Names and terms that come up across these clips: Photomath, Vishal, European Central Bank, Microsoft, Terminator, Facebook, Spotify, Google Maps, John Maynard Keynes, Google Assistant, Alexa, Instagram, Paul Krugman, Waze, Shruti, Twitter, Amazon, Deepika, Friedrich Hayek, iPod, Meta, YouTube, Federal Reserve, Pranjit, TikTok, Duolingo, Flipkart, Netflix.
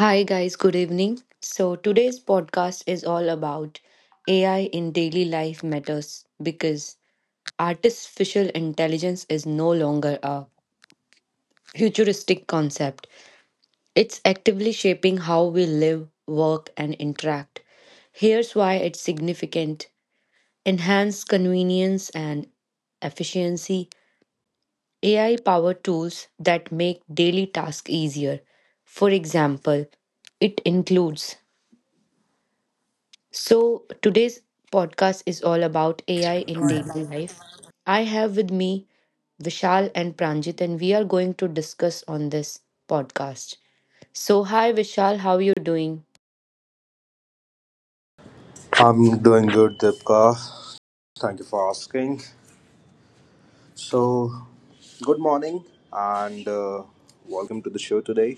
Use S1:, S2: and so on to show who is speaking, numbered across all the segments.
S1: Hi, guys, good evening. So, today's podcast is all about AI in daily life matters because artificial intelligence is no longer a futuristic concept. It's actively shaping how we live, work, and interact. Here's why it's significant enhance convenience and efficiency, AI powered tools that make daily tasks easier. For example, it includes. So, today's podcast is all about AI in daily life. I have with me Vishal and Pranjit, and we are going to discuss on this podcast. So, hi Vishal, how are you doing?
S2: I'm doing good, Deepika. Thank you for asking. So, good morning and welcome to the show today.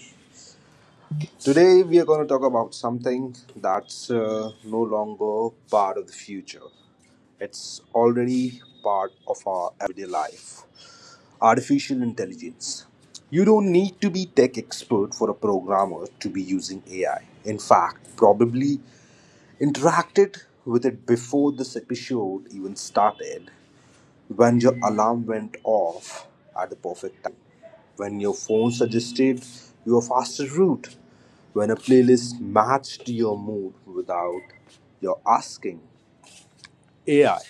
S2: Today, we are going to talk about something that's no longer part of the future. It's already part of our everyday life: artificial intelligence. You don't need to be tech expert for a programmer to be using AI. In fact, probably interacted with it before this episode even started, when your alarm went off at the perfect, when your phone suggested you a faster route, when a playlist matched your mood without your asking. AI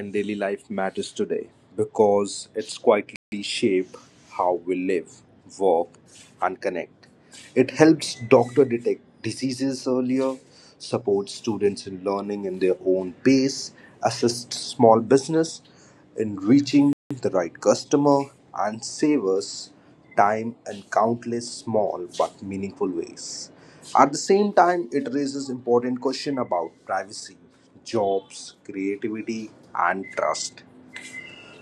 S2: in daily life matters today because it's quietly shape how we live, work, and connect. It helps doctor detect diseases earlier, supports students in learning in their own pace, assists small business in reaching the right customer, and save us time in countless small but meaningful ways. At the same time, it raises important question about privacy jobs, creativity, and trust.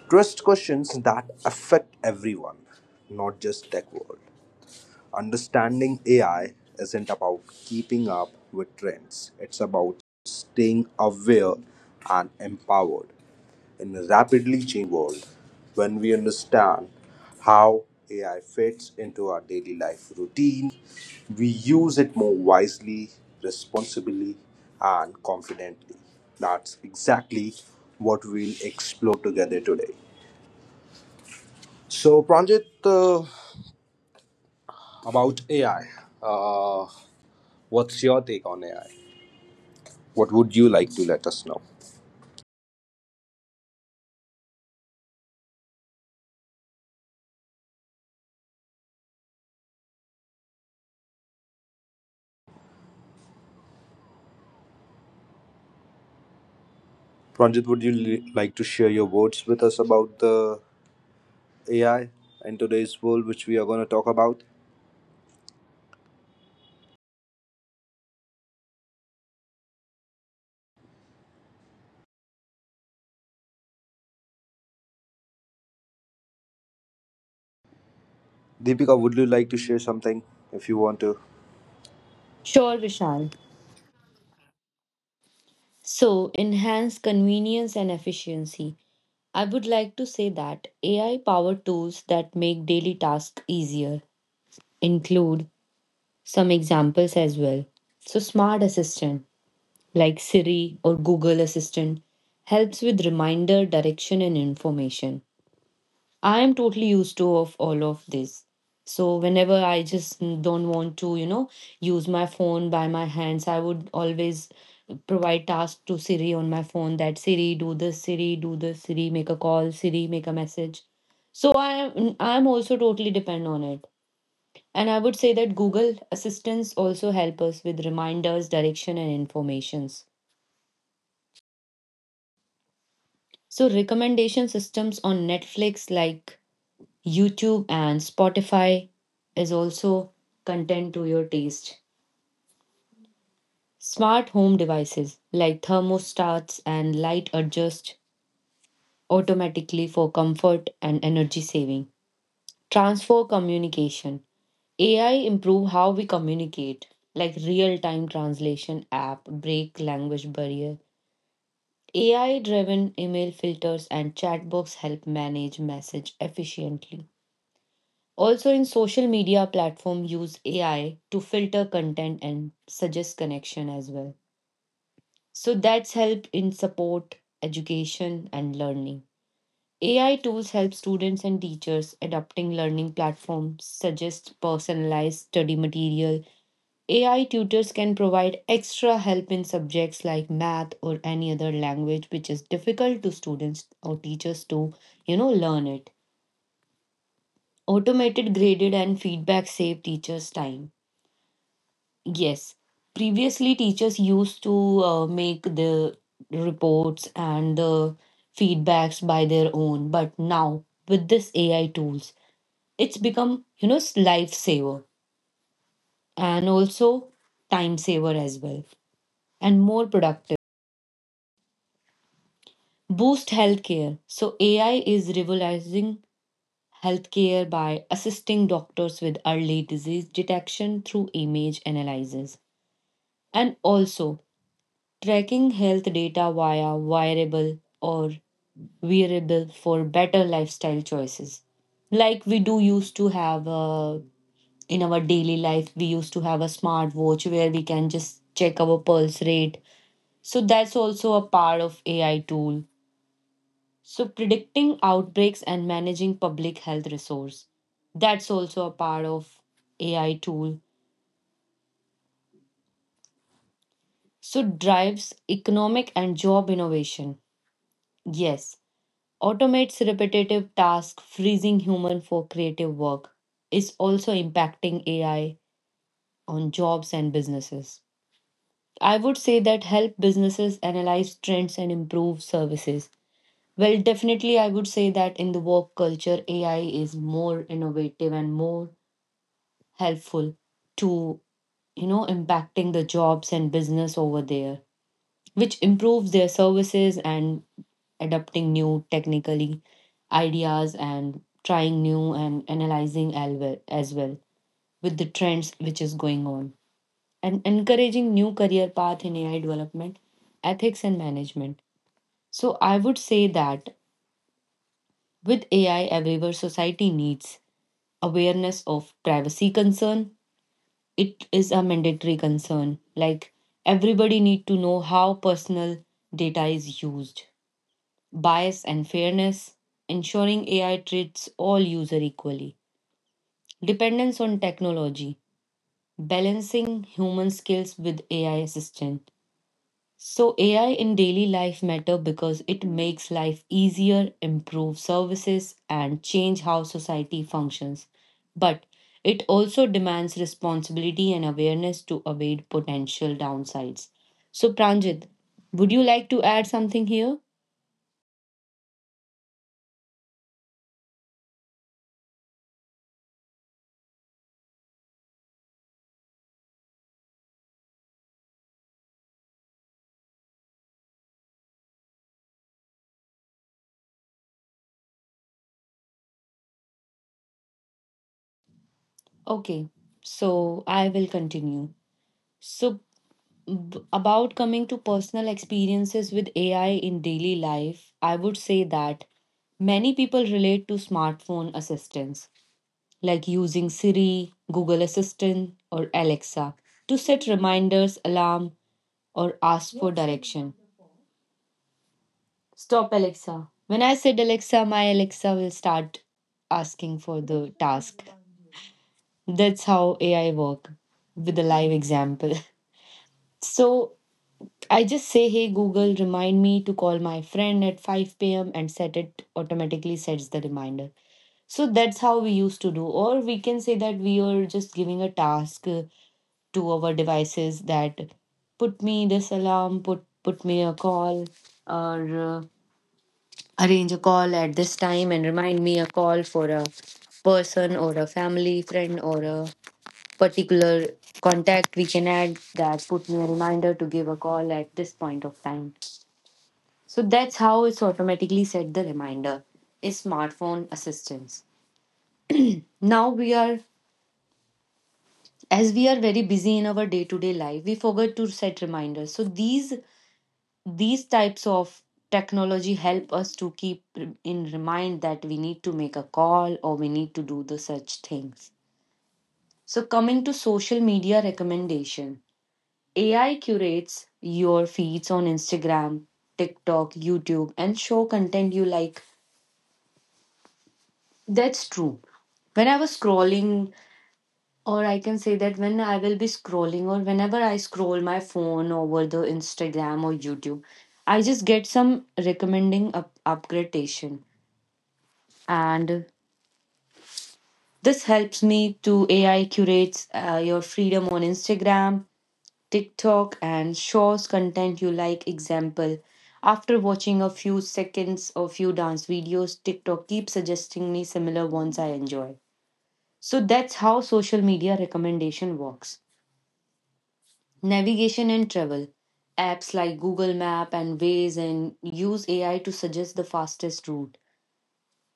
S2: Trust questions that affect everyone, not just tech world. Understanding AI isn't about keeping up with trends, it's about staying aware and empowered. In a rapidly changing world, when we understand how AI fits into our daily life routine, we use it more wisely, responsibly, and confidently. That's exactly what we'll explore together today. So, Pranjit, about AI. Uh, what's your take on AI? What would you like to let us know? Pranjit, would you like to share your words with us about the AI and today's world, which we are going to talk about? Deepika, would you like to share something if you want to?
S1: Sure, Vishal. So, enhance convenience and efficiency. I would like to say that AI powered tools that make daily tasks easier include some examples as well. So, smart assistant like Siri or Google Assistant helps with reminder, direction and information. I am totally used to of all of this. So whenever I just don't want to use my phone by my hands, I would always provide tasks to Siri on my phone that Siri do this, Siri do this, Siri make a call, Siri make a message. So I am also totally depend on it. And I would say that Google Assistants also help us with reminders, direction and informations. So, recommendation systems on Netflix, like YouTube and Spotify, is also content to your taste. Smart home devices like thermostats and light adjust automatically for comfort and energy saving. Transfer communication. AI improve how we communicate, like real-time translation app, break language barrier. AI-driven email filters and chatbots help manage message efficiently. Also, in social media platform, use AI to filter content and suggest connection as well. So that's helped in support, education, and learning. AI tools help students and teachers adapting learning platforms, suggest personalized study material. AI tutors can provide extra help in subjects like math or any other language which is difficult to students or teachers to learn it. Automated graded and feedback save teachers time. Yes. Previously, teachers used to make the reports and the feedbacks by their own, but now with this AI tools, it's become, you know, s- lifesaver and also time saver as well and more productive. Boost healthcare. So AI is revolutionizing healthcare by assisting doctors with early disease detection through image analysis. And also tracking health data via wearable or wearable for better lifestyle choices. Like we do used to have in our daily life, we used to have a smartwatch where we can just check our pulse rate. So that's also a part of AI tool. So predicting outbreaks and managing public health resource. That's also a part of AI tool. So drives economic and job innovation. Yes, automates repetitive tasks, freezing human for creative work, is also impacting AI on jobs and businesses. I would say that help businesses analyze trends and improve services. Well, definitely, I would say that in the work culture, AI is more innovative and more helpful to impacting the jobs and business over there, which improves their services and adapting new technically ideas and trying new and analyzing as well with the trends which is going on and encouraging new career path in AI development ethics and management. So I would say that with AI everywhere, society needs awareness of privacy concern. It is a mandatory concern, like everybody need to know how personal data is used. Bias and fairness, ensuring AI treats all users equally, dependence on technology, balancing human skills with AI assistant. So AI in daily life matter because it makes life easier, improves services and change how society functions. But it also demands responsibility and awareness to avoid potential downsides. So Pranjit, would you like to add something here? Okay, so I will continue. So, about coming to personal experiences with AI in daily life, I would say that many people relate to smartphone assistants, like using Siri, Google Assistant, or Alexa to set reminders, alarm, or ask for direction. Stop, Alexa. When I said Alexa, my Alexa will start asking for the task. That's how AI work with a live example. So I just say, hey Google, remind me to call my friend at 5 p.m. and set it automatically sets the reminder. So that's how we used to do. Or we can say that we are just giving a task to our devices that put me this alarm, put me a call, or arrange a call at this time and remind me a call for a person or a family friend or a particular contact we can add that put me a reminder to give a call at this point of time. So that's how it's automatically set the reminder is smartphone assistance. Now we are as we are very busy in our day-to-day life, we forget to set reminders. So these types of technology help us to keep in remind that we need to make a call or we need to do the such things. So coming to social media recommendation, AI curates your feeds on Instagram, TikTok, YouTube and show content you like. That's true. When I was scrolling, or I can say that when I will be scrolling, or whenever I scroll my phone over the Instagram or YouTube, I just get some recommending upgradation. And this helps me to AI curates your freedom on Instagram, TikTok, and shows content you like. Example, after watching a few seconds or few dance videos, TikTok keeps suggesting me similar ones I enjoy. So that's how social media recommendation works. Navigation and travel. Apps like Google Map and Waze and use AI to suggest the fastest route.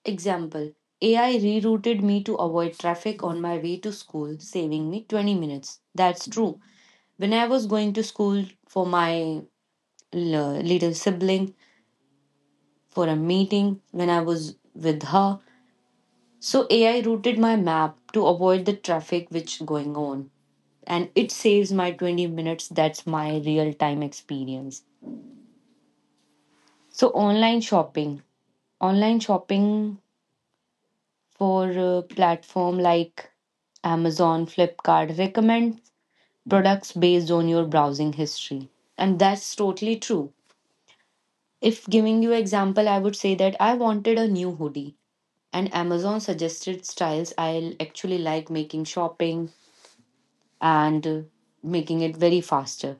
S1: Example, AI rerouted me to avoid traffic on my way to school, saving me 20 minutes. That's true. When I was going to school for my little sibling for a meeting, when I was with her, so AI routed my map to avoid the traffic which going on and it saves my 20 minutes. That's my real time experience. So online shopping for a platform like Amazon, Flipkart recommend products based on your browsing history. And that's totally true. If giving you example, I would say that I wanted a new hoodie and Amazon suggested styles I'll actually like making shopping and making it very faster.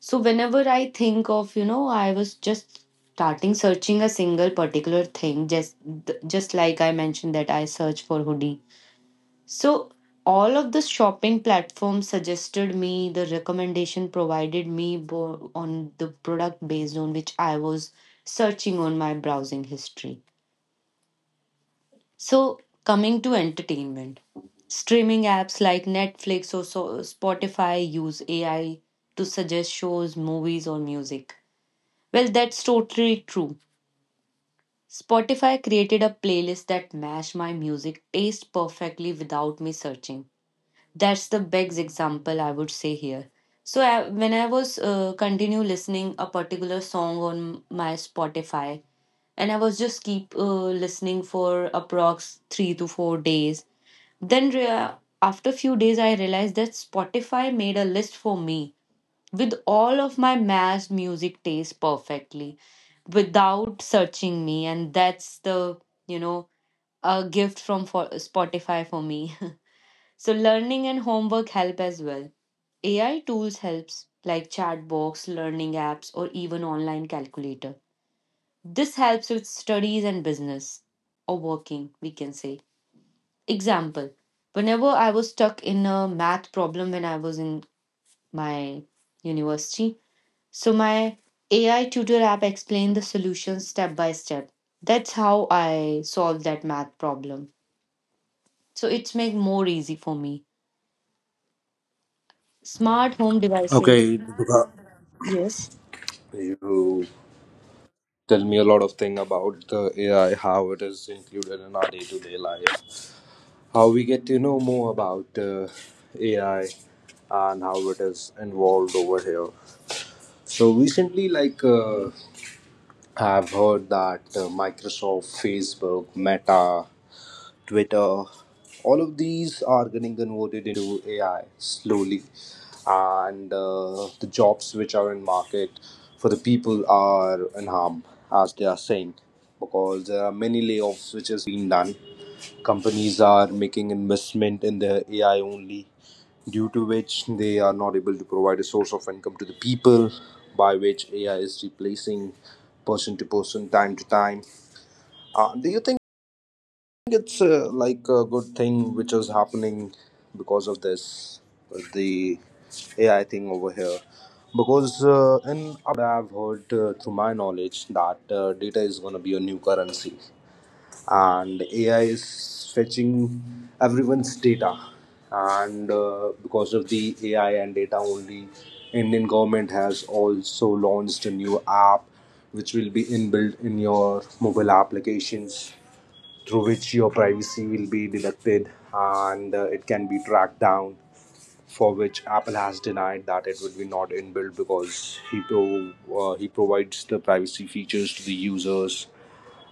S1: So whenever I think of I was just starting searching a single particular thing, just just like I mentioned that I search for hoodie. So all of the shopping platforms suggested me the recommendation provided me on the product based on which I was searching on my browsing history. So, coming to entertainment, streaming apps like Netflix or Spotify use AI to suggest shows, movies, or music. Well, that's totally true. Spotify created a playlist that matched my music taste perfectly without me searching. That's the best example I would say here. So I, when I was continue listening a particular song on my Spotify, and I was just keep listening for approx 3 to 4 days then after few days I realized that Spotify made a list for me with all of my mass music taste perfectly without searching me. And that's the you know a gift from for Spotify for me. So learning and homework help as well. AI tools helps like chatbox, learning apps or even online calculator. This helps with studies and business or working we can say. Example, whenever I was stuck in a math problem when I was in my university, so my AI tutor app explained the solution step by step. That's how I solved that math problem. So it's make more easy for me. Smart home devices.
S2: Okay, Deepika,
S1: Yes.
S2: you tell me a lot of thing about the AI, how it is included in our day-to-day life, how we get to know more about AI, and how it is involved over here. So recently, like I've heard that Microsoft, Facebook, Meta, Twitter, all of these are getting converted into AI slowly, and the jobs which are in market for the people are in harm, as they are saying, because there are many layoffs which has been done. Companies are making investment in the AI only, due to which they are not able to provide a source of income to the people, by which AI is replacing person to person, time to time. Do you think it's like a good thing which is happening because of this, the AI thing over here? Because in I've heard through my knowledge that data is going to be a new currency, and AI is fetching everyone's data, and because of the AI and data only, Indian government has also launched a new app which will be inbuilt in your mobile applications through which your privacy will be deducted, and it can be tracked down, for which Apple has denied that it would be not inbuilt because he provides the privacy features to the users.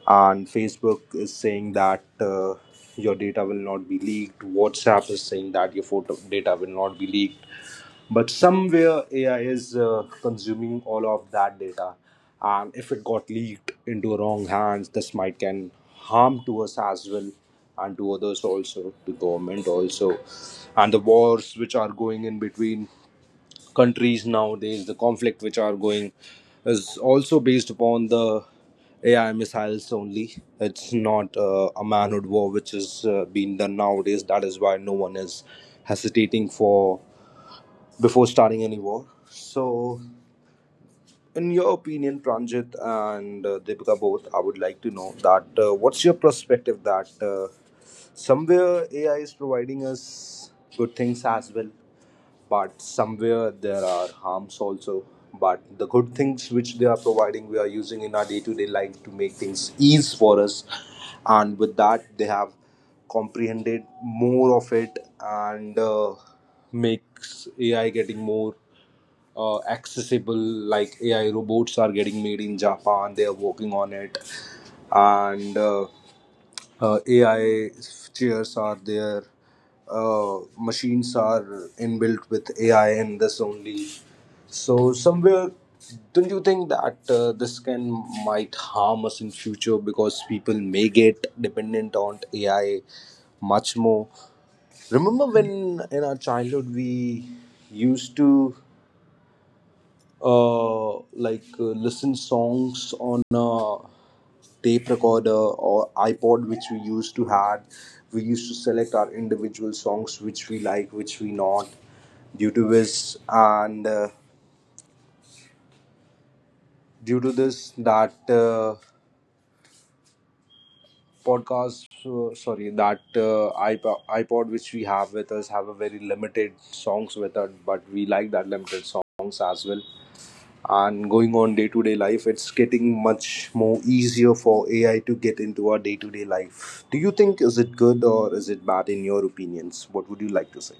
S2: And Facebook is saying that your data will not be leaked, WhatsApp is saying that your photo data will not be leaked, but somewhere AI is consuming all of that data, and if it got leaked into wrong hands, this might can harm to us as well, and to others also, to government also. And the wars which are going in between countries nowadays, the conflict which are going is also based upon the AI missiles only. It's not a manhood war which is being done nowadays. That is why no one is hesitating for before starting any war. So, in your opinion, Pranjit and Deepika both, I would like to know that what's your perspective that somewhere AI is providing us good things as well, but somewhere there are harms also. But the good things which they are providing, we are using in our day to day life to make things ease for us. And with that, they have comprehended more of it and makes AI getting more accessible, like AI robots are getting made in Japan, they are working on it, and AI chairs are there, machines are inbuilt with AI and this only. So somewhere, don't you think that this can might harm us in future, because people may get dependent on AI much more? Remember when in our childhood we used to uh, listen songs on a tape recorder or iPod, which we used to had. We used to select our individual songs, which we like, which we not. Due to this, and due to this, that iPod which we have with us have a very limited songs with us, but we like that limited songs as well. And going on day to day life, it's getting much more easier for AI to get into our day to day life. Do you think, is it good or is it bad, in your opinions? What would you like to say?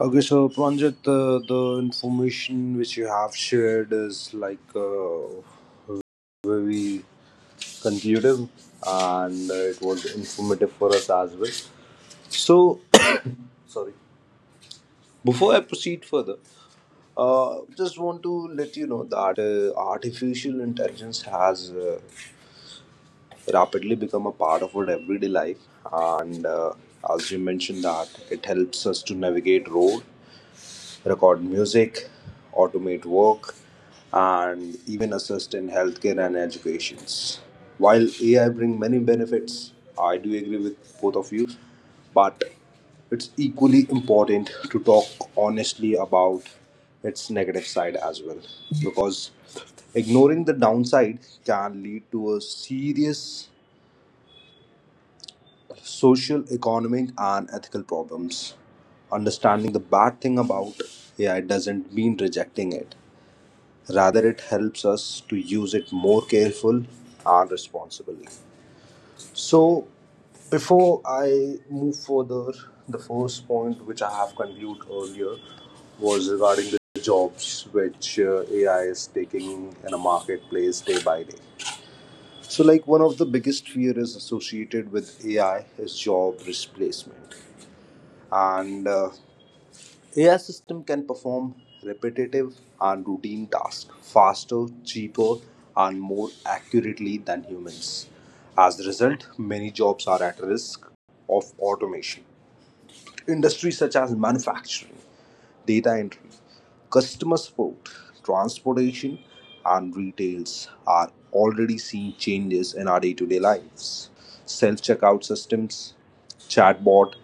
S2: Okay, so Pranjit, the information which you have shared is like very conclusive and it was informative for us as well. So, sorry. Before I proceed further, just want to let you know that artificial intelligence has rapidly become a part of our everyday life, and as you mentioned, that it helps us to navigate road, record music, automate work, and even assist in healthcare and educations. While AI bring many benefits, I do agree with both of you, but it's equally important to talk honestly about its negative side as well, because ignoring the downside can lead to a serious social, economic, and ethical problems. Understanding the bad thing about AI doesn't mean rejecting it. Rather, it helps us to use it more careful and responsibly. So, before I move further, the first point which I have conveyed earlier was regarding the jobs which AI is taking in a marketplace day by day. So, like one of the biggest fear is associated with AI is job replacement, and AI system can perform repetitive and routine tasks faster, cheaper, and more accurately than humans. As a result, many jobs are at risk of automation. Industries such as manufacturing, data entry, customer support, transportation, and retails are already seeing changes in our day to day lives. Self checkout systems, chatbot,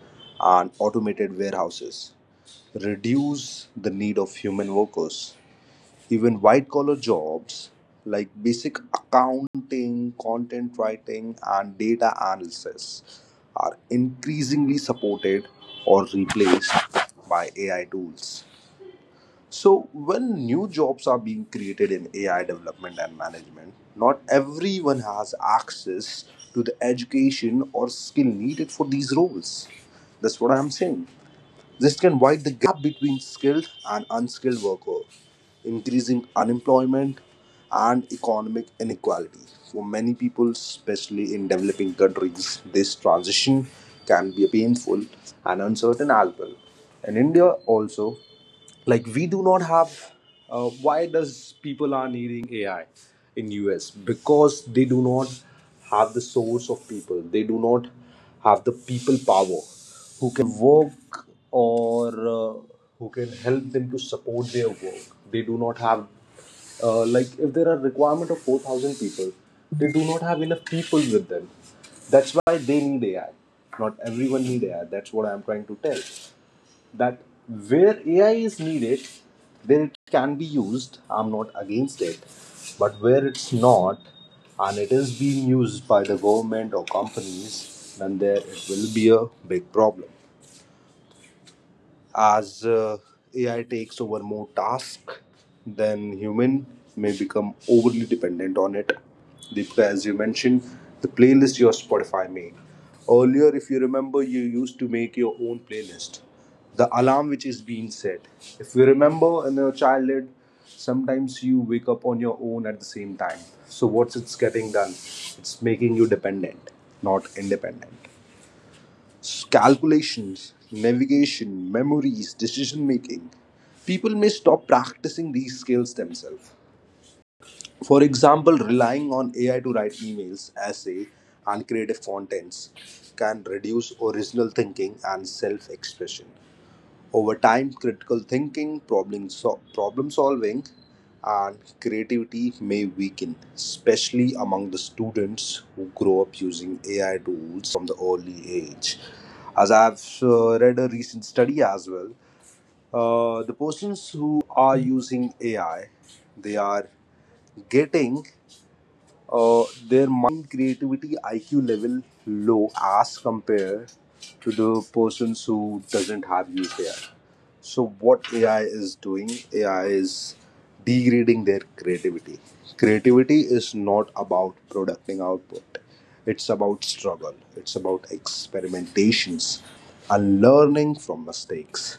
S2: and automated warehouses reduce the need of human workers. Even white collar jobs like basic accounting, content writing, and data analysis are increasingly supported or replaced by AI tools. So, when new jobs are being created in AI development and management, not everyone has access to the education or skill needed for these roles. That's what I'm saying. This can widen the gap between skilled and unskilled workers, increasing unemployment and economic inequality. For many people, especially in developing countries, this transition can be painful and uncertain as well. In India, also, like we do not have. Why does people are needing AI in us? Because they do not have the source of people, they do not have the people power who work, or uh, who can help them to support their work. They do not have. Like, if there are requirement of 4,000 people, they do not have enough people with them. That's why they need AI. Not everyone need AI. That's what I'm trying to tell, that where AI is needed, then it can be used. I'm not against it. But where it's not, and it is being used by the government or companies, then there it will be a big problem. As AI takes over more tasks, than human may become overly dependent on it. Deepika, as you mentioned, the playlist your Spotify made. Earlier, if you remember, you used to make your own playlist. The alarm which is being set, if you remember in your childhood, sometimes you wake up on your own at the same time. So what's it's getting done? It's making you dependent, not independent. Calculations, navigation, memories, decision making. People may stop practicing these skills themselves. For example, relying on AI to write emails, essay, and creative contents can reduce original thinking and self expression. Over time, critical thinking, problem solving, and creativity may weaken, especially among the students who grow up using AI tools the early age. As I've read a recent study as well, the persons who are using AI, they are getting uh, their mind creativity IQ level low as compared to the persons who doesn't have used AI. So what AI is doing, AI is degrading their creativity. Creativity is not about producing output. It's about struggle. It's about experimentations and learning from mistakes.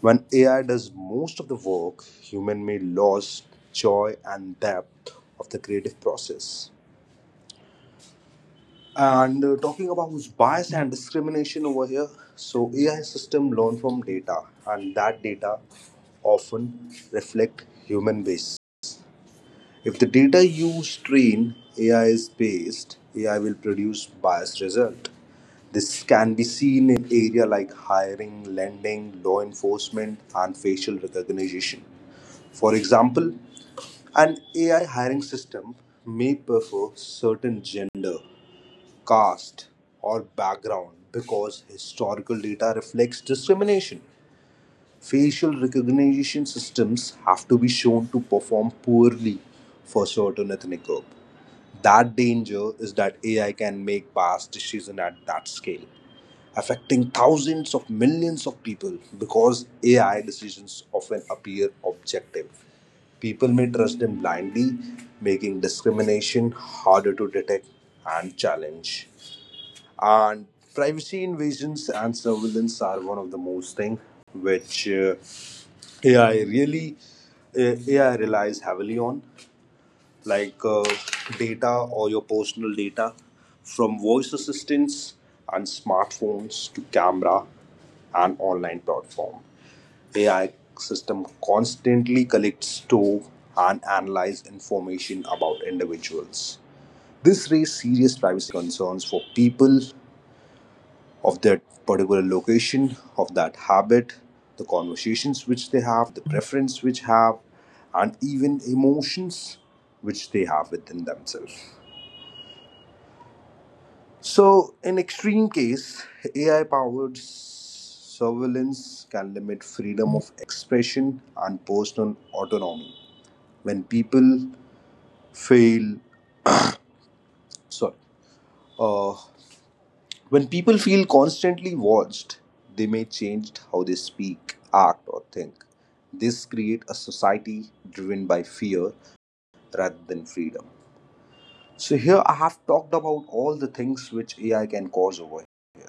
S2: When AI does most of the work, human may lose joy and depth of the creative process. And talking about bias and discrimination over here, so AI system learn from data, and that data often reflect human base. If the data you train AI is based, AI will produce biased result. This can be seen in area like hiring, lending, law enforcement, and facial recognition. For example, an AI hiring system may prefer certain gender caste, or background because historical data reflects discrimination. Facial recognition systems have to be shown to perform poorly for certain ethnic group. That danger is that AI can make past decision at that scale, affecting thousands of millions of people because AI decisions often appear objective. People may trust them blindly, making discrimination harder to detect and challenge, and privacy invasions and surveillance are one of the most thing which ai really ai relies heavily on, like data or your personal data. From voice assistants and smartphones to camera and online platform, ai system constantly collects, store, and analyze information about individuals. This raised serious privacy concerns for people of that particular location, of that habit, the conversations which they have, the preference which have, and even emotions which they have within themselves. So, in extreme case, AI-powered surveillance can limit freedom of expression and personal autonomy when people fail. Sorry. Uh. When people feel constantly watched, they may change how they speak, act, or think. This creates a society driven by fear rather than freedom. So, here I have talked about all the things which AI can cause over here,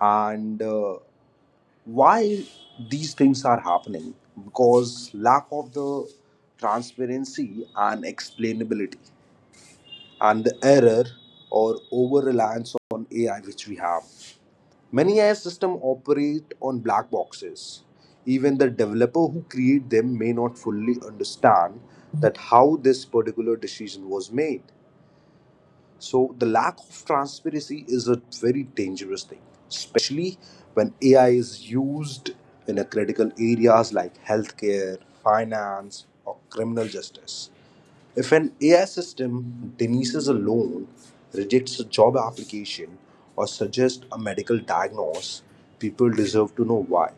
S2: and why these things are happening, because lack of the transparency and explainability and the error or over reliance on AI which we have. Many AI systems operate on black boxes. Even the developer who create them may not fully understand that how this particular decision was made. So the lack of transparency is a very dangerous thing, especially when AI is used in a critical areas like healthcare, finance, or criminal justice. If an AI system denies a loan, rejects a job application, or suggests a medical diagnosis, people deserve to know why.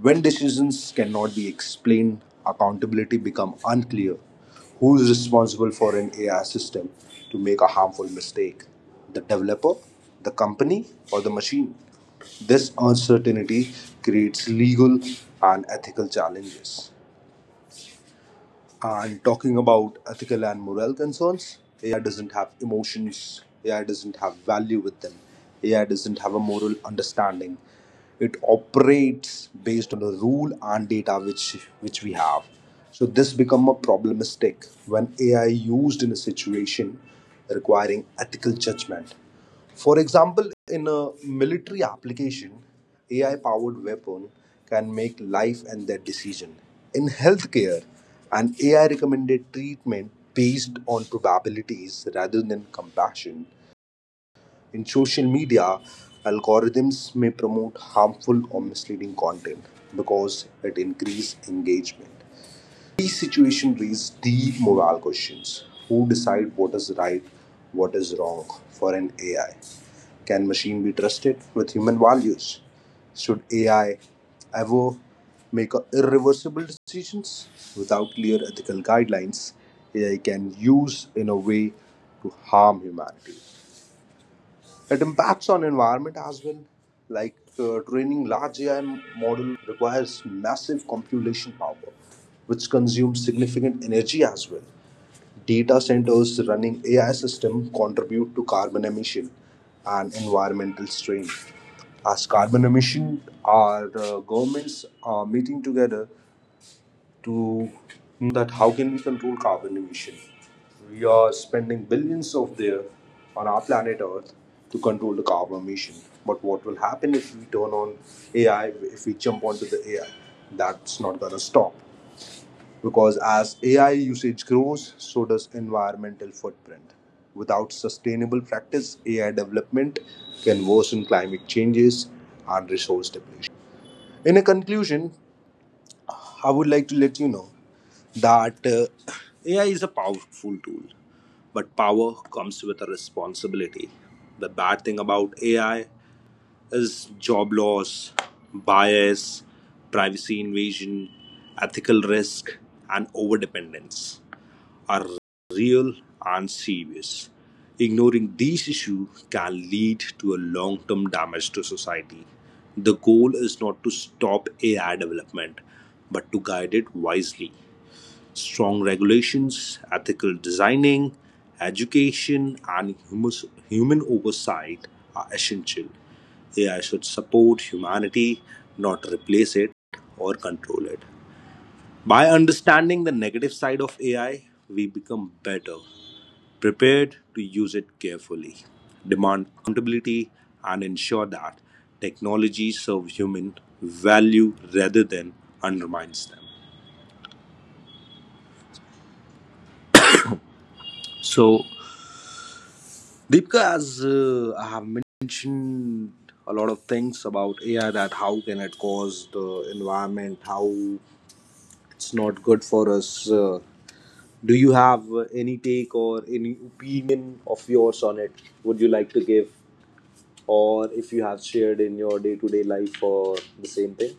S2: When decisions cannot be explained, accountability becomes unclear. Who is responsible for an AI system to make a harmful mistake? The developer, the company, or the machine? This uncertainty creates legal and ethical challenges. And talking about ethical and moral concerns, AI doesn't have emotions, AI doesn't have value with them, AI doesn't have a moral understanding. It operates based on a rule and data which we have. So this become a problematic when AI used in a situation requiring ethical judgment. For example, in a military application, AI powered weapon can make life and death decision. In healthcare, an AI recommended treatment based on probabilities rather than compassion. In social media, algorithms may promote harmful or misleading content because it increases engagement. These situations raise deep moral questions. Who decide what is right, what is wrong for an AI? Can machine be trusted with human values? Should AI ever make a irreversible decisions without clear ethical guidelines? AI can use in a way to harm humanity. It impacts on environment as well. Training large AI model requires massive computational power, which consumes significant energy as well. Data centers running AI system contribute to carbon emission and environmental strain. As carbon emission, our governments are meeting together to that how can we control carbon emission. We are spending billions of there on our planet Earth to control the carbon emission. But what will happen if we turn on AI, if we jump onto the AI? That's not gonna stop, because as AI usage grows, so does environmental footprint. Without sustainable practice, AI development can worsen climate changes and resource depletion. In a conclusion, I would like to let you know that AI is a powerful tool, but power comes with a responsibility. The bad thing about AI is job loss, bias, privacy invasion, ethical risk, and overdependence are real and serious. Ignoring these issues can lead to a long term damage to society. The goal is not to stop AI development, but to guide it wisely: strong regulations, ethical designing, education, and human oversight are essential. AI should support humanity, not replace it or control it. By understanding the negative side of AI, we become better, prepared to use it carefully, demand accountability, and ensure that technology serves human value rather than undermines them. So, Deepika, as I have mentioned a lot of things about AI, that how can it cause the environment, how it's not good for us. Do you have any take or any opinion of yours on it? Would you like to give, or if you have shared in your day-to-day life or the same thing?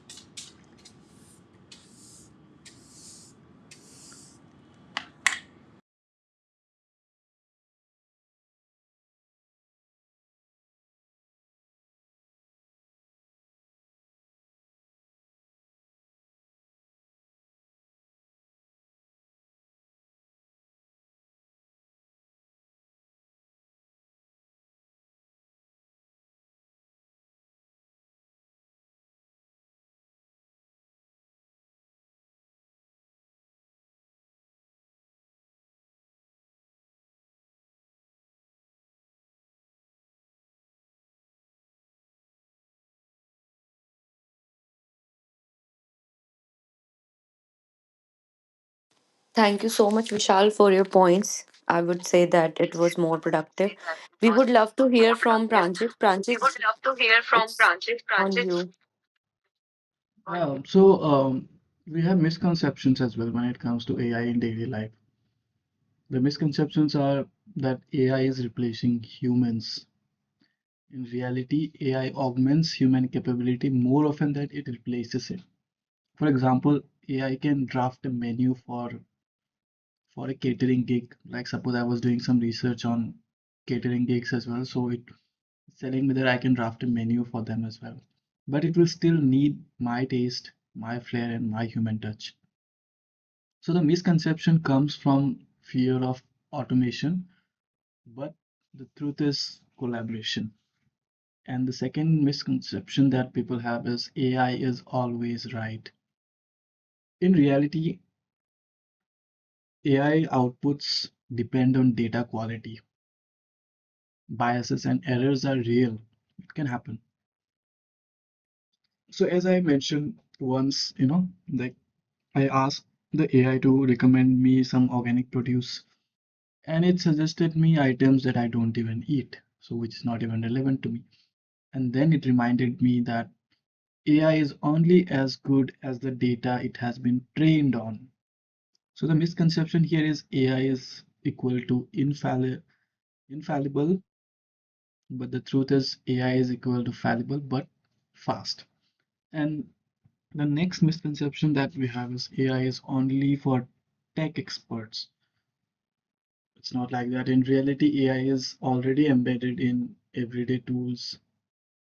S1: Thank you so much, Vishal, for your points. I would say that it
S3: Ways,
S1: was more
S3: we would say
S1: productive.
S3: that it
S1: We
S3: was
S1: would love to hear
S3: more
S1: from
S3: productive.
S1: Pranjit.
S3: We
S1: Pranjit,
S3: would love to hear from
S1: it's
S3: Pranjit.
S1: on
S3: Pranjit,
S1: you.
S3: Yeah, so um, we have misconceptions as well when it comes to AI in daily life. The misconceptions are that AI is replacing humans. In reality, AI augments human capability more often than it replaces it. For example, AI can draft a menu for a catering gig. Like suppose I was doing some research on catering gigs as well, so it selling whether I can draft a menu for them as well. But it will still need my taste, my flair, and my human touch. So the misconception comes from fear of automation, but the truth is collaboration. And the second misconception that people have is AI is always right. In reality, AI outputs depend on data quality. Biases and errors are real. It can happen. So as I mentioned once, like I asked the AI to recommend me some organic produce, and it suggested me items that I don't even eat, so which is not even relevant to me. And then it reminded me that AI is only as good as the data it has been trained on. So the misconception here is AI is equal to infallible, but the truth is AI is equal to fallible but fast. And the next misconception that we have is AI is only for tech experts. It's not like that. In reality, AI is already embedded in everyday tools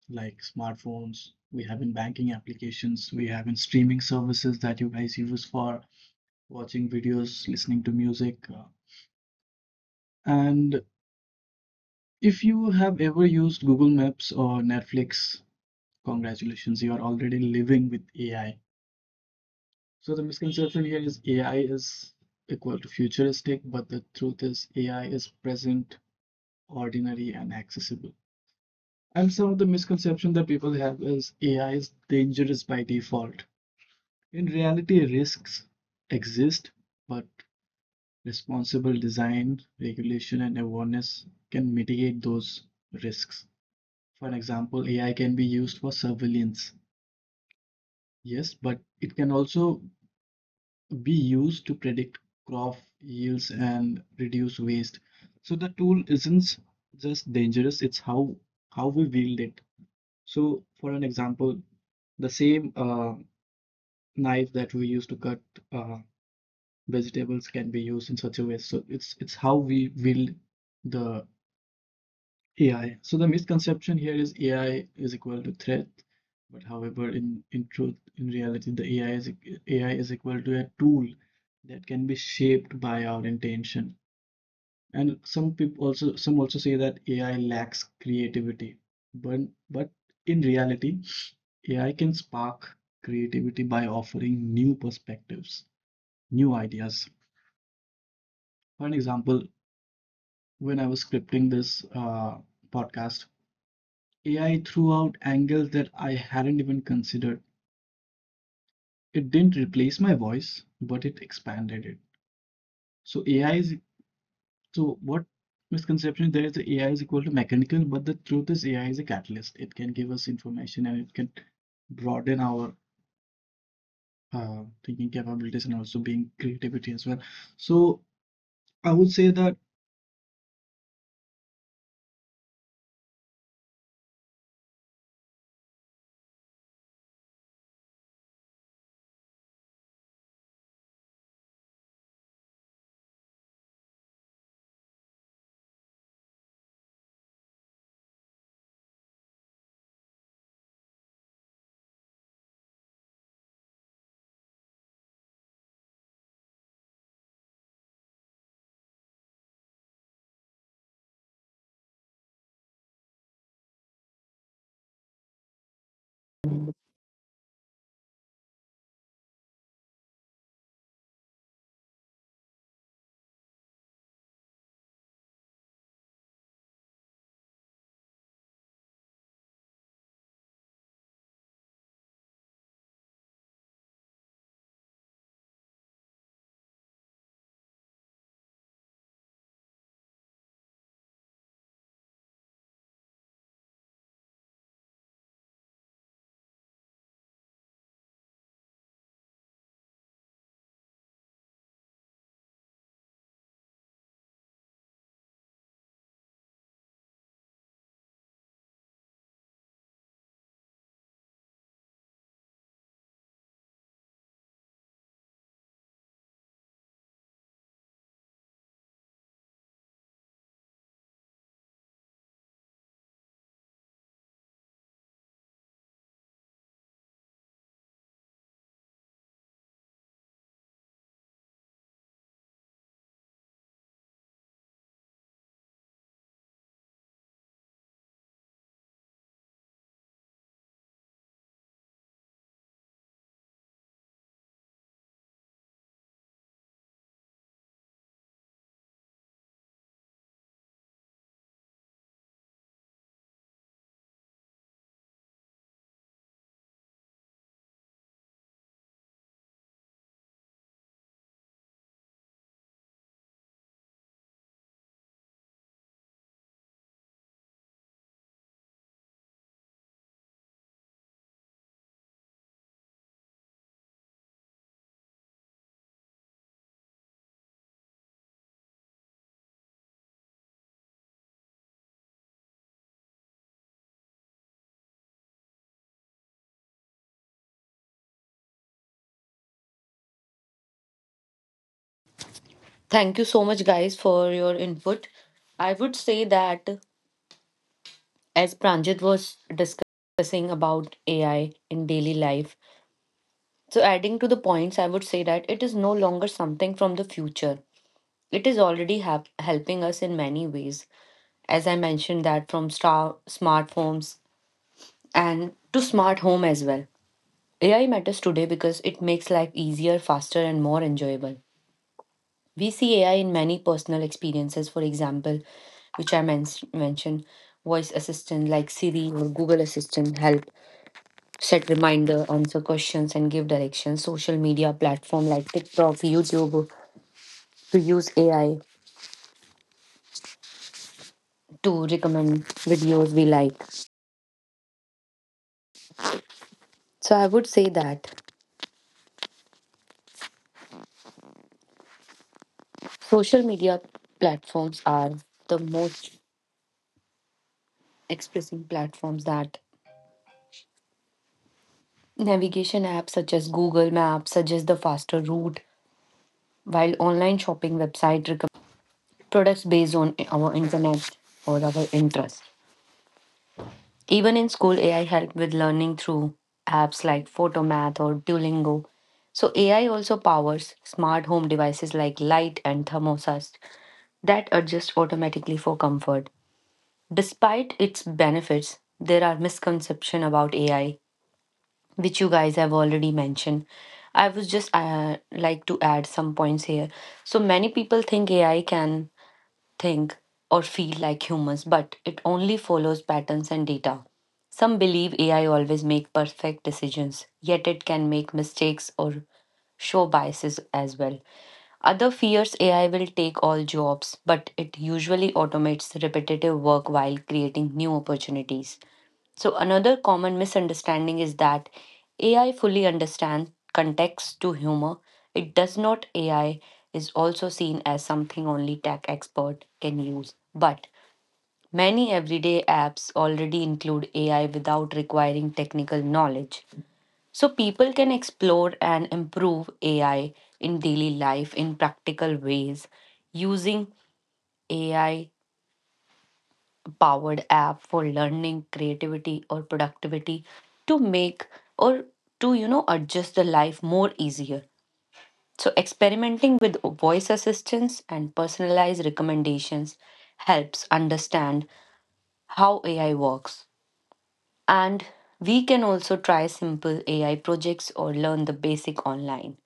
S3: like smartphones. We have in banking applications, we have in streaming services that you guys use for watching videos, listening to music. And if you have ever used Google Maps or Netflix, congratulations, you are already living with AI. So the misconception here is AI is equal to futuristic, but the truth is AI is present, ordinary, and accessible. And some of the misconception that people have is AI is dangerous by default. In reality, risks exist, but responsible design, regulation, and awareness can mitigate those risks. For example, AI can be used for surveillance, yes, but it can also be used to predict crop yields and reduce waste. So the tool isn't just dangerous, it's how we wield it. So, for an example, the same knife that we use to cut uh, vegetables can be used in such a way. So it's how we build the AI. So the misconception here is AI is equal to threat, but however, in truth, in reality, the AI is AI is equal to a tool that can be shaped by our intention. And some also say that AI lacks creativity, but but in reality, AI can spark creativity by offering new perspectives, new ideas. For an example, when I was scripting this podcast, AI threw out angles that I hadn't even considered. It didn't replace my voice, but it expanded it. So AI is so what misconception there is that AI is equal to mechanical, but the truth is AI is a catalyst. It can give us information and it can broaden our thinking capabilities and also being creativity as well. So I would say that
S1: Thank you so much, guys, for your input. I would say that as Pranjit was discussing about AI in daily life, so adding to the points, I would say that it is no longer something from the future. It is already hap helping us in many ways. As I mentioned, that from smartphones and to smart home as well. AI matters today because it makes life easier, faster, and more enjoyable. We see AI in many personal experiences. For example, which I mentioned, voice assistant like Siri or Google Assistant help set reminder, answer questions, and give directions. Social media platform like TikTok, YouTube to use AI to recommend videos we like. So I would say that social media platforms are the most expressing platforms that navigation apps such as Google Maps suggest the faster route, while online shopping website products based on our internet or our interest. Even in school, AI helped with learning through apps like Photomath or Duolingo. So AI also powers smart home devices like light and thermostats that adjust automatically for comfort. Despite its benefits, there are misconceptions about AI, which you guys have already mentioned. I was just like to add some points here. So many people think AI can think or feel like humans, but it only follows patterns and data. Some believe AI always make perfect decisions, yet it can make mistakes or show biases as well. Other fears AI will take all jobs, but it usually automates repetitive work while creating new opportunities. So another common misunderstanding is that AI fully understands context to humor. It does not. AI is also seen as something only tech expert can use, but many everyday apps already include AI without requiring technical knowledge. So people can explore and improve AI in daily life in practical ways using AI powered app for learning, creativity, or productivity to make or to adjust the life more easier. So experimenting with voice assistants and personalized recommendations helps understand how AI works. And we can also try simple AI projects or learn the basic online.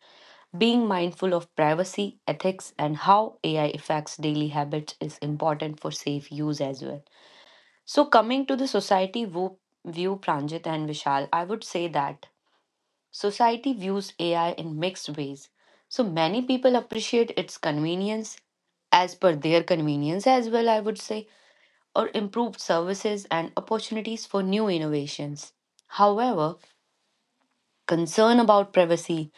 S1: Being mindful of privacy, ethics, and how AI affects daily habits is important for safe use as well. So coming to the society view, Pranjit and Vishal, I would say that society views AI in mixed ways. So many people appreciate its convenience as per their convenience, as well, I would say, or improved services and opportunities for new innovations. However, concern about privacy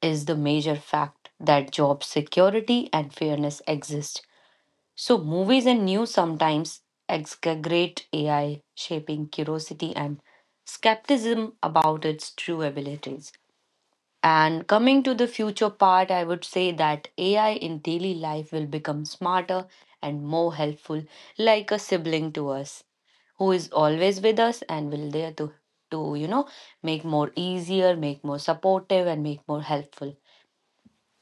S1: is the major fact that job security and fairness exist. So movies and news sometimes exaggerate AI, shaping curiosity and skepticism about its true abilities. And coming to the future part, I would say that AI in daily life will become smarter and more helpful, like a sibling to us who is always with us and will there to make more easier, make more supportive, and make more helpful.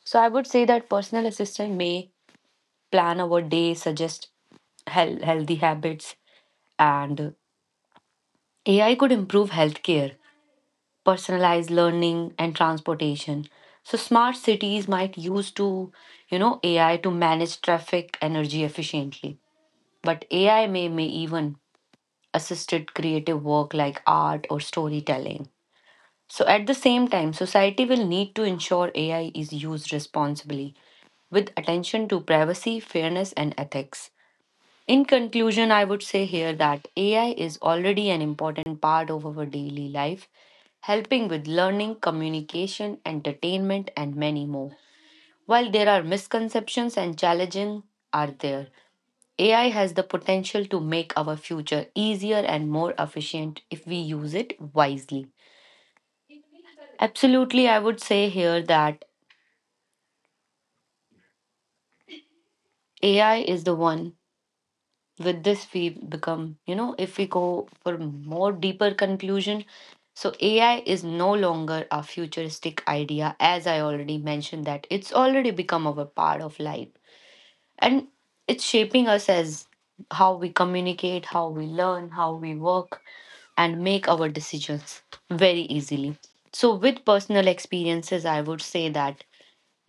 S1: So I would say that personal assistant may plan our day, suggest healthy habits, and AI could improve healthcare, personalized learning, and transportation. So smart cities might use AI to manage traffic energy efficiently. But AI may even assisted creative work like art or storytelling. So at the same time, society will need to ensure AI is used responsibly with attention to privacy, fairness, and ethics. In conclusion, I would say here that AI is already an important part of our daily life, helping with learning, communication, entertainment, and many more. While there are misconceptions and challenges are there, AI has the potential to make our future easier and more efficient if we use it wisely. Absolutely, I would say here that AI is the one with this we become if we go for more deeper conclusion. So AI is no longer a futuristic idea. As I already mentioned that it's already become our part of life and it's shaping us as how we communicate, how we learn, how we work, and make our decisions very easily. So with personal experiences, I would say that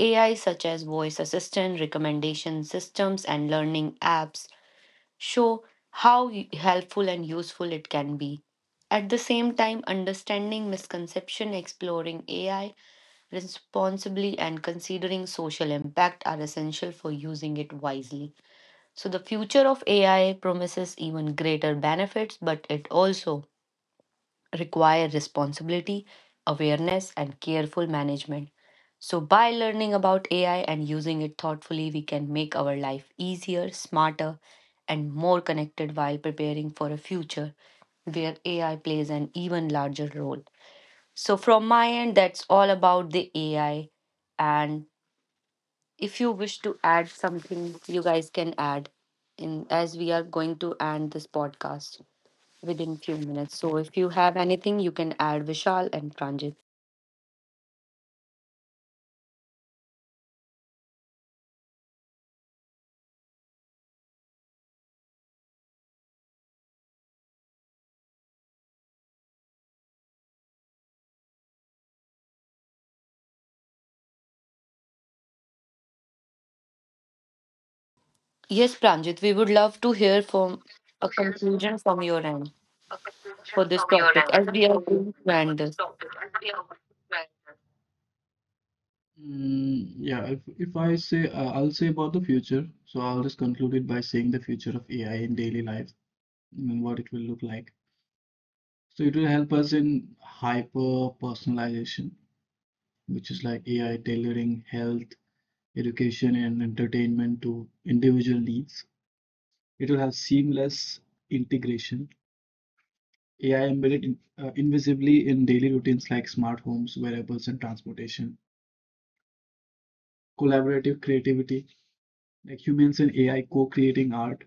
S1: AI such as voice assistant, recommendation systems, and learning apps show how helpful and useful it can be. At the same time, understanding misconception, exploring AI responsibly, and considering social impact are essential for using it wisely. So the future of AI promises even greater benefits, but it also require responsibility, awareness, and careful management. So by learning about AI and using it thoughtfully, we can make our life easier, smarter, and more connected while preparing for a future where AI plays an even larger role. So from my end, that's all about the AI. And if you wish to add something, you guys can add in, as we are going to end this podcast within few minutes. So if you have anything, you can add, Vishal and Pranjit. Yes, Pranjit, we would love to hear from a
S3: conclusions from
S1: conclusion from your end
S3: a conclusion
S1: for this
S3: from your
S1: topic,
S3: end
S1: as we are going to
S3: for
S1: end
S3: this
S1: this.
S3: topic and we are well. Yeah, if I say, I'll say about the future. So I'll just conclude it by saying the future of AI in daily life and what it will look like. So it will help us in hyper personalization, which is like AI tailoring health, education, and entertainment to individual needs. It will have seamless integration AI embedded in, invisibly in daily routines like smart homes, wearables, and transportation. Collaborative creativity, like humans and AI co-creating art,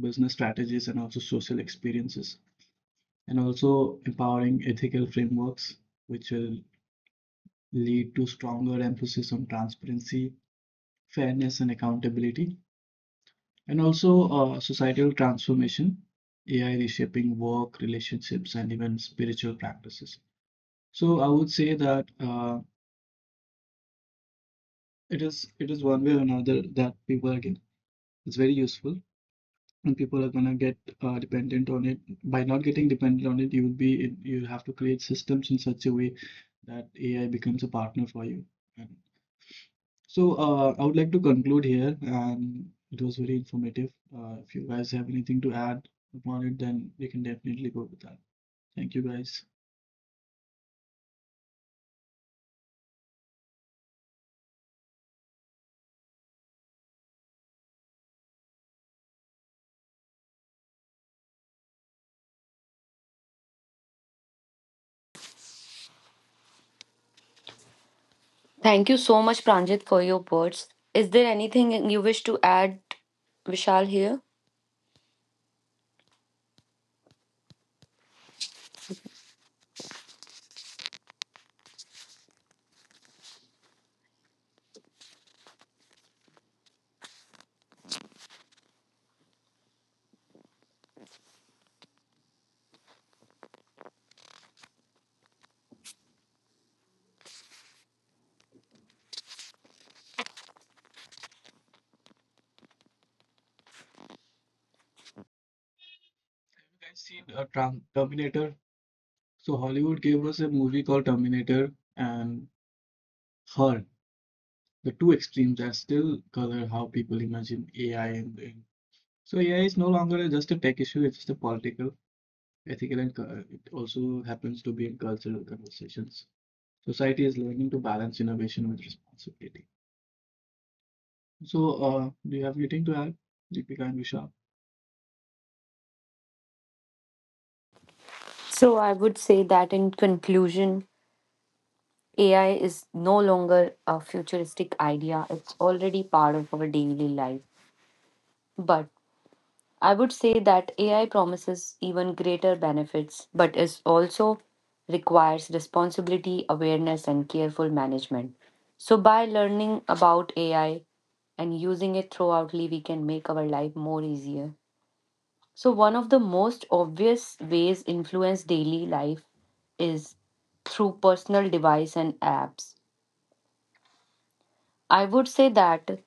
S3: business strategies, and also social experiences, and also empowering ethical frameworks, which will lead to stronger emphasis on transparency, fairness, and accountability, and also societal transformation, AI reshaping work, relationships, and even spiritual practices. So I would say that. It is one way or another that people are getting. It's very useful, and people are gonna get dependent on it. By not getting dependent on it, you will be you have to create systems in such a way that AI becomes a partner for you. And so I would like to conclude here, and it was very informative. If you guys have anything to add upon it, then we can definitely go with that. Thank you guys.
S1: Thank you so much, Pranjit, for your words. Is there anything you wish to add, Vishal, here?
S3: Have you guys seen Terminator? So Hollywood gave us a movie called Terminator, and her. The two extremes are still color how people imagine AI and brain. So AI is no longer just a tech issue, it's a political, ethical, and it also happens to be in cultural conversations. Society is learning to balance innovation with responsibility. So, do you have anything to add, Deepika and Vishal?
S1: So I would say that in conclusion, AI is no longer a futuristic idea. It's already part of our daily life. But I would say that AI promises even greater benefits, but is also requires responsibility, awareness, and careful management. So by learning about AI and using it throughoutly, we can make our life more easier. So one of the most obvious ways influence daily life is through personal device and apps. I would say that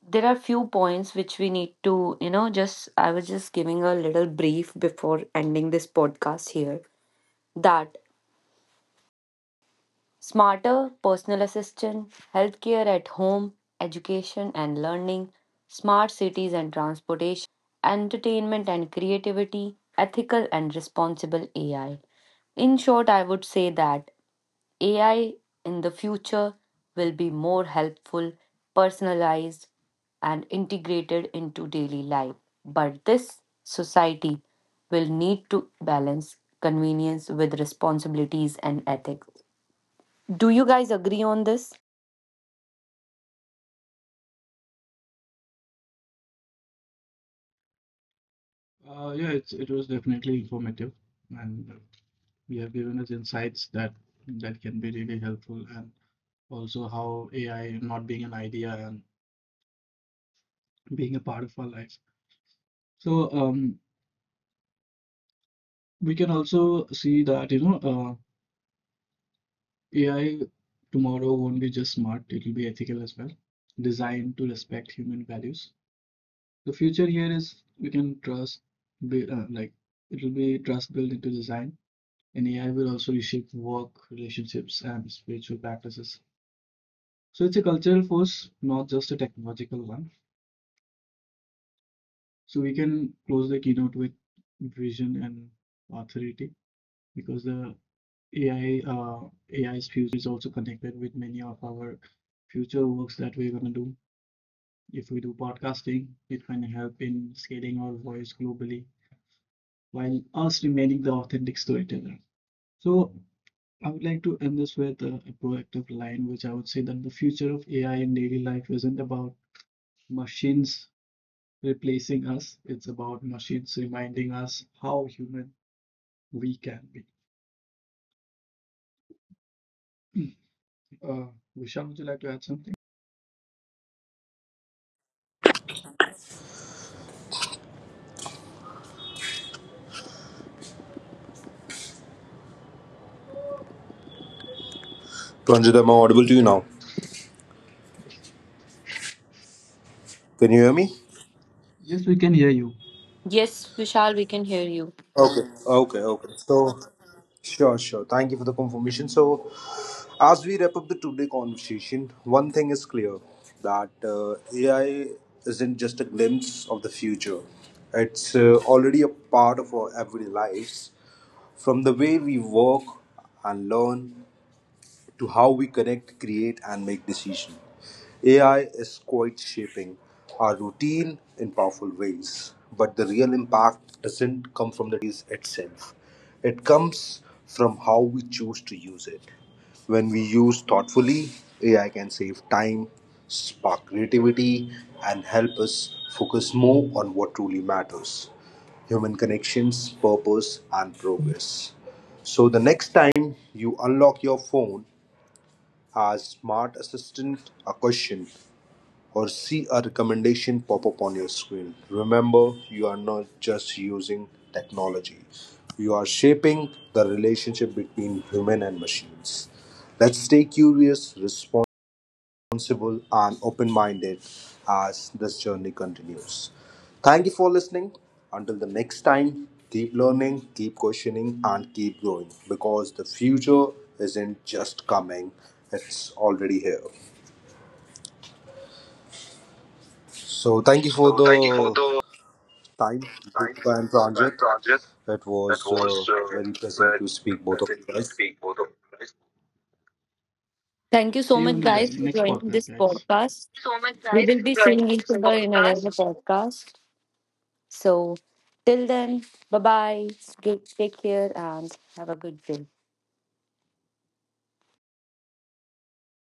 S1: there are few points which we need to, you know, just I was just giving a little brief before ending this podcast here that smarter personal assistant, healthcare at home, education and learning, smart cities and transportation, entertainment and creativity, ethical and responsible AI. In short, I would say that AI in the future will be more helpful, personalized, and integrated into daily life. But this society will need to balance convenience with responsibilities and ethics. Do you guys agree on this?
S3: Yeah, it's it was definitely informative, and we have given us insights that can be really helpful, and also how AI not being an idea and being a part of our life. So, um, we can also see that, AI tomorrow won't be just smart, it will be ethical as well, designed to respect human values. The future here is we can trust, be, uh, like, it will be trust built into design, and AI will also reshape work, relationships, and spiritual practices. So it's a cultural force, not just a technological one. So we can close the keynote with vision and authority because the AI, uh, AI's future is also connected with many of our future works that we're gonna do. If we do podcasting, it can help in scaling our voice globally while us remaining the authentic storyteller. So I would like to end this with a proactive line, which I would say that the future of AI in daily life isn't about machines replacing us, it's about machines reminding us how human we can be. Uh, Vishal, would you like to add something?
S2: Ranjit, am I audible to you now? Can you hear me?
S3: Yes, we can hear you.
S1: Yes, Vishal, we can hear you.
S2: Okay, okay, okay. So, sure, sure. Thank you for the confirmation. So, as we wrap up the today conversation, one thing is clear, that AI isn't just a glimpse of the future. It's already a part of our everyday lives, from the way we work and learn to how we connect, create, and make decisions. AI is quite shaping our routine in powerful ways, but the real impact doesn't come from the itself. It comes from how we choose to use it. When we use thoughtfully, AI can save time, spark creativity, and help us focus more on what truly matters: human connections, purpose, and progress. So, the next time you unlock your phone, ask Smart Assistant a question, or see a recommendation pop up on your screen. Remember, you are not just using technology, you are shaping the relationship between human and machines. Let's stay curious, responsible, and open minded as this journey continues. Thank you for listening. Until the next time, keep learning, keep questioning, and keep growing, because the future isn't just coming, it's already here. So, thank you for
S3: So thank you for
S2: the
S3: the
S2: time,
S3: time
S2: Deepika and
S3: and
S2: Pranjit.
S3: project
S2: It
S3: that
S2: was
S3: was
S2: very pleasant
S3: very
S2: to speak both of
S3: pleasant
S2: you
S3: to
S2: guys.
S3: speak both of you guys.
S1: Thank you
S3: See
S1: so
S3: you in
S1: much,
S3: the
S1: guys, for
S3: next
S1: joining
S3: podcast,
S1: this
S3: guys.
S1: podcast.
S3: So much,
S1: We
S3: guys,
S1: will
S3: for
S1: be
S3: joining
S1: seeing each
S3: this
S1: other in
S3: podcast.
S1: another podcast. So till then, bye bye. Take care and have a good day.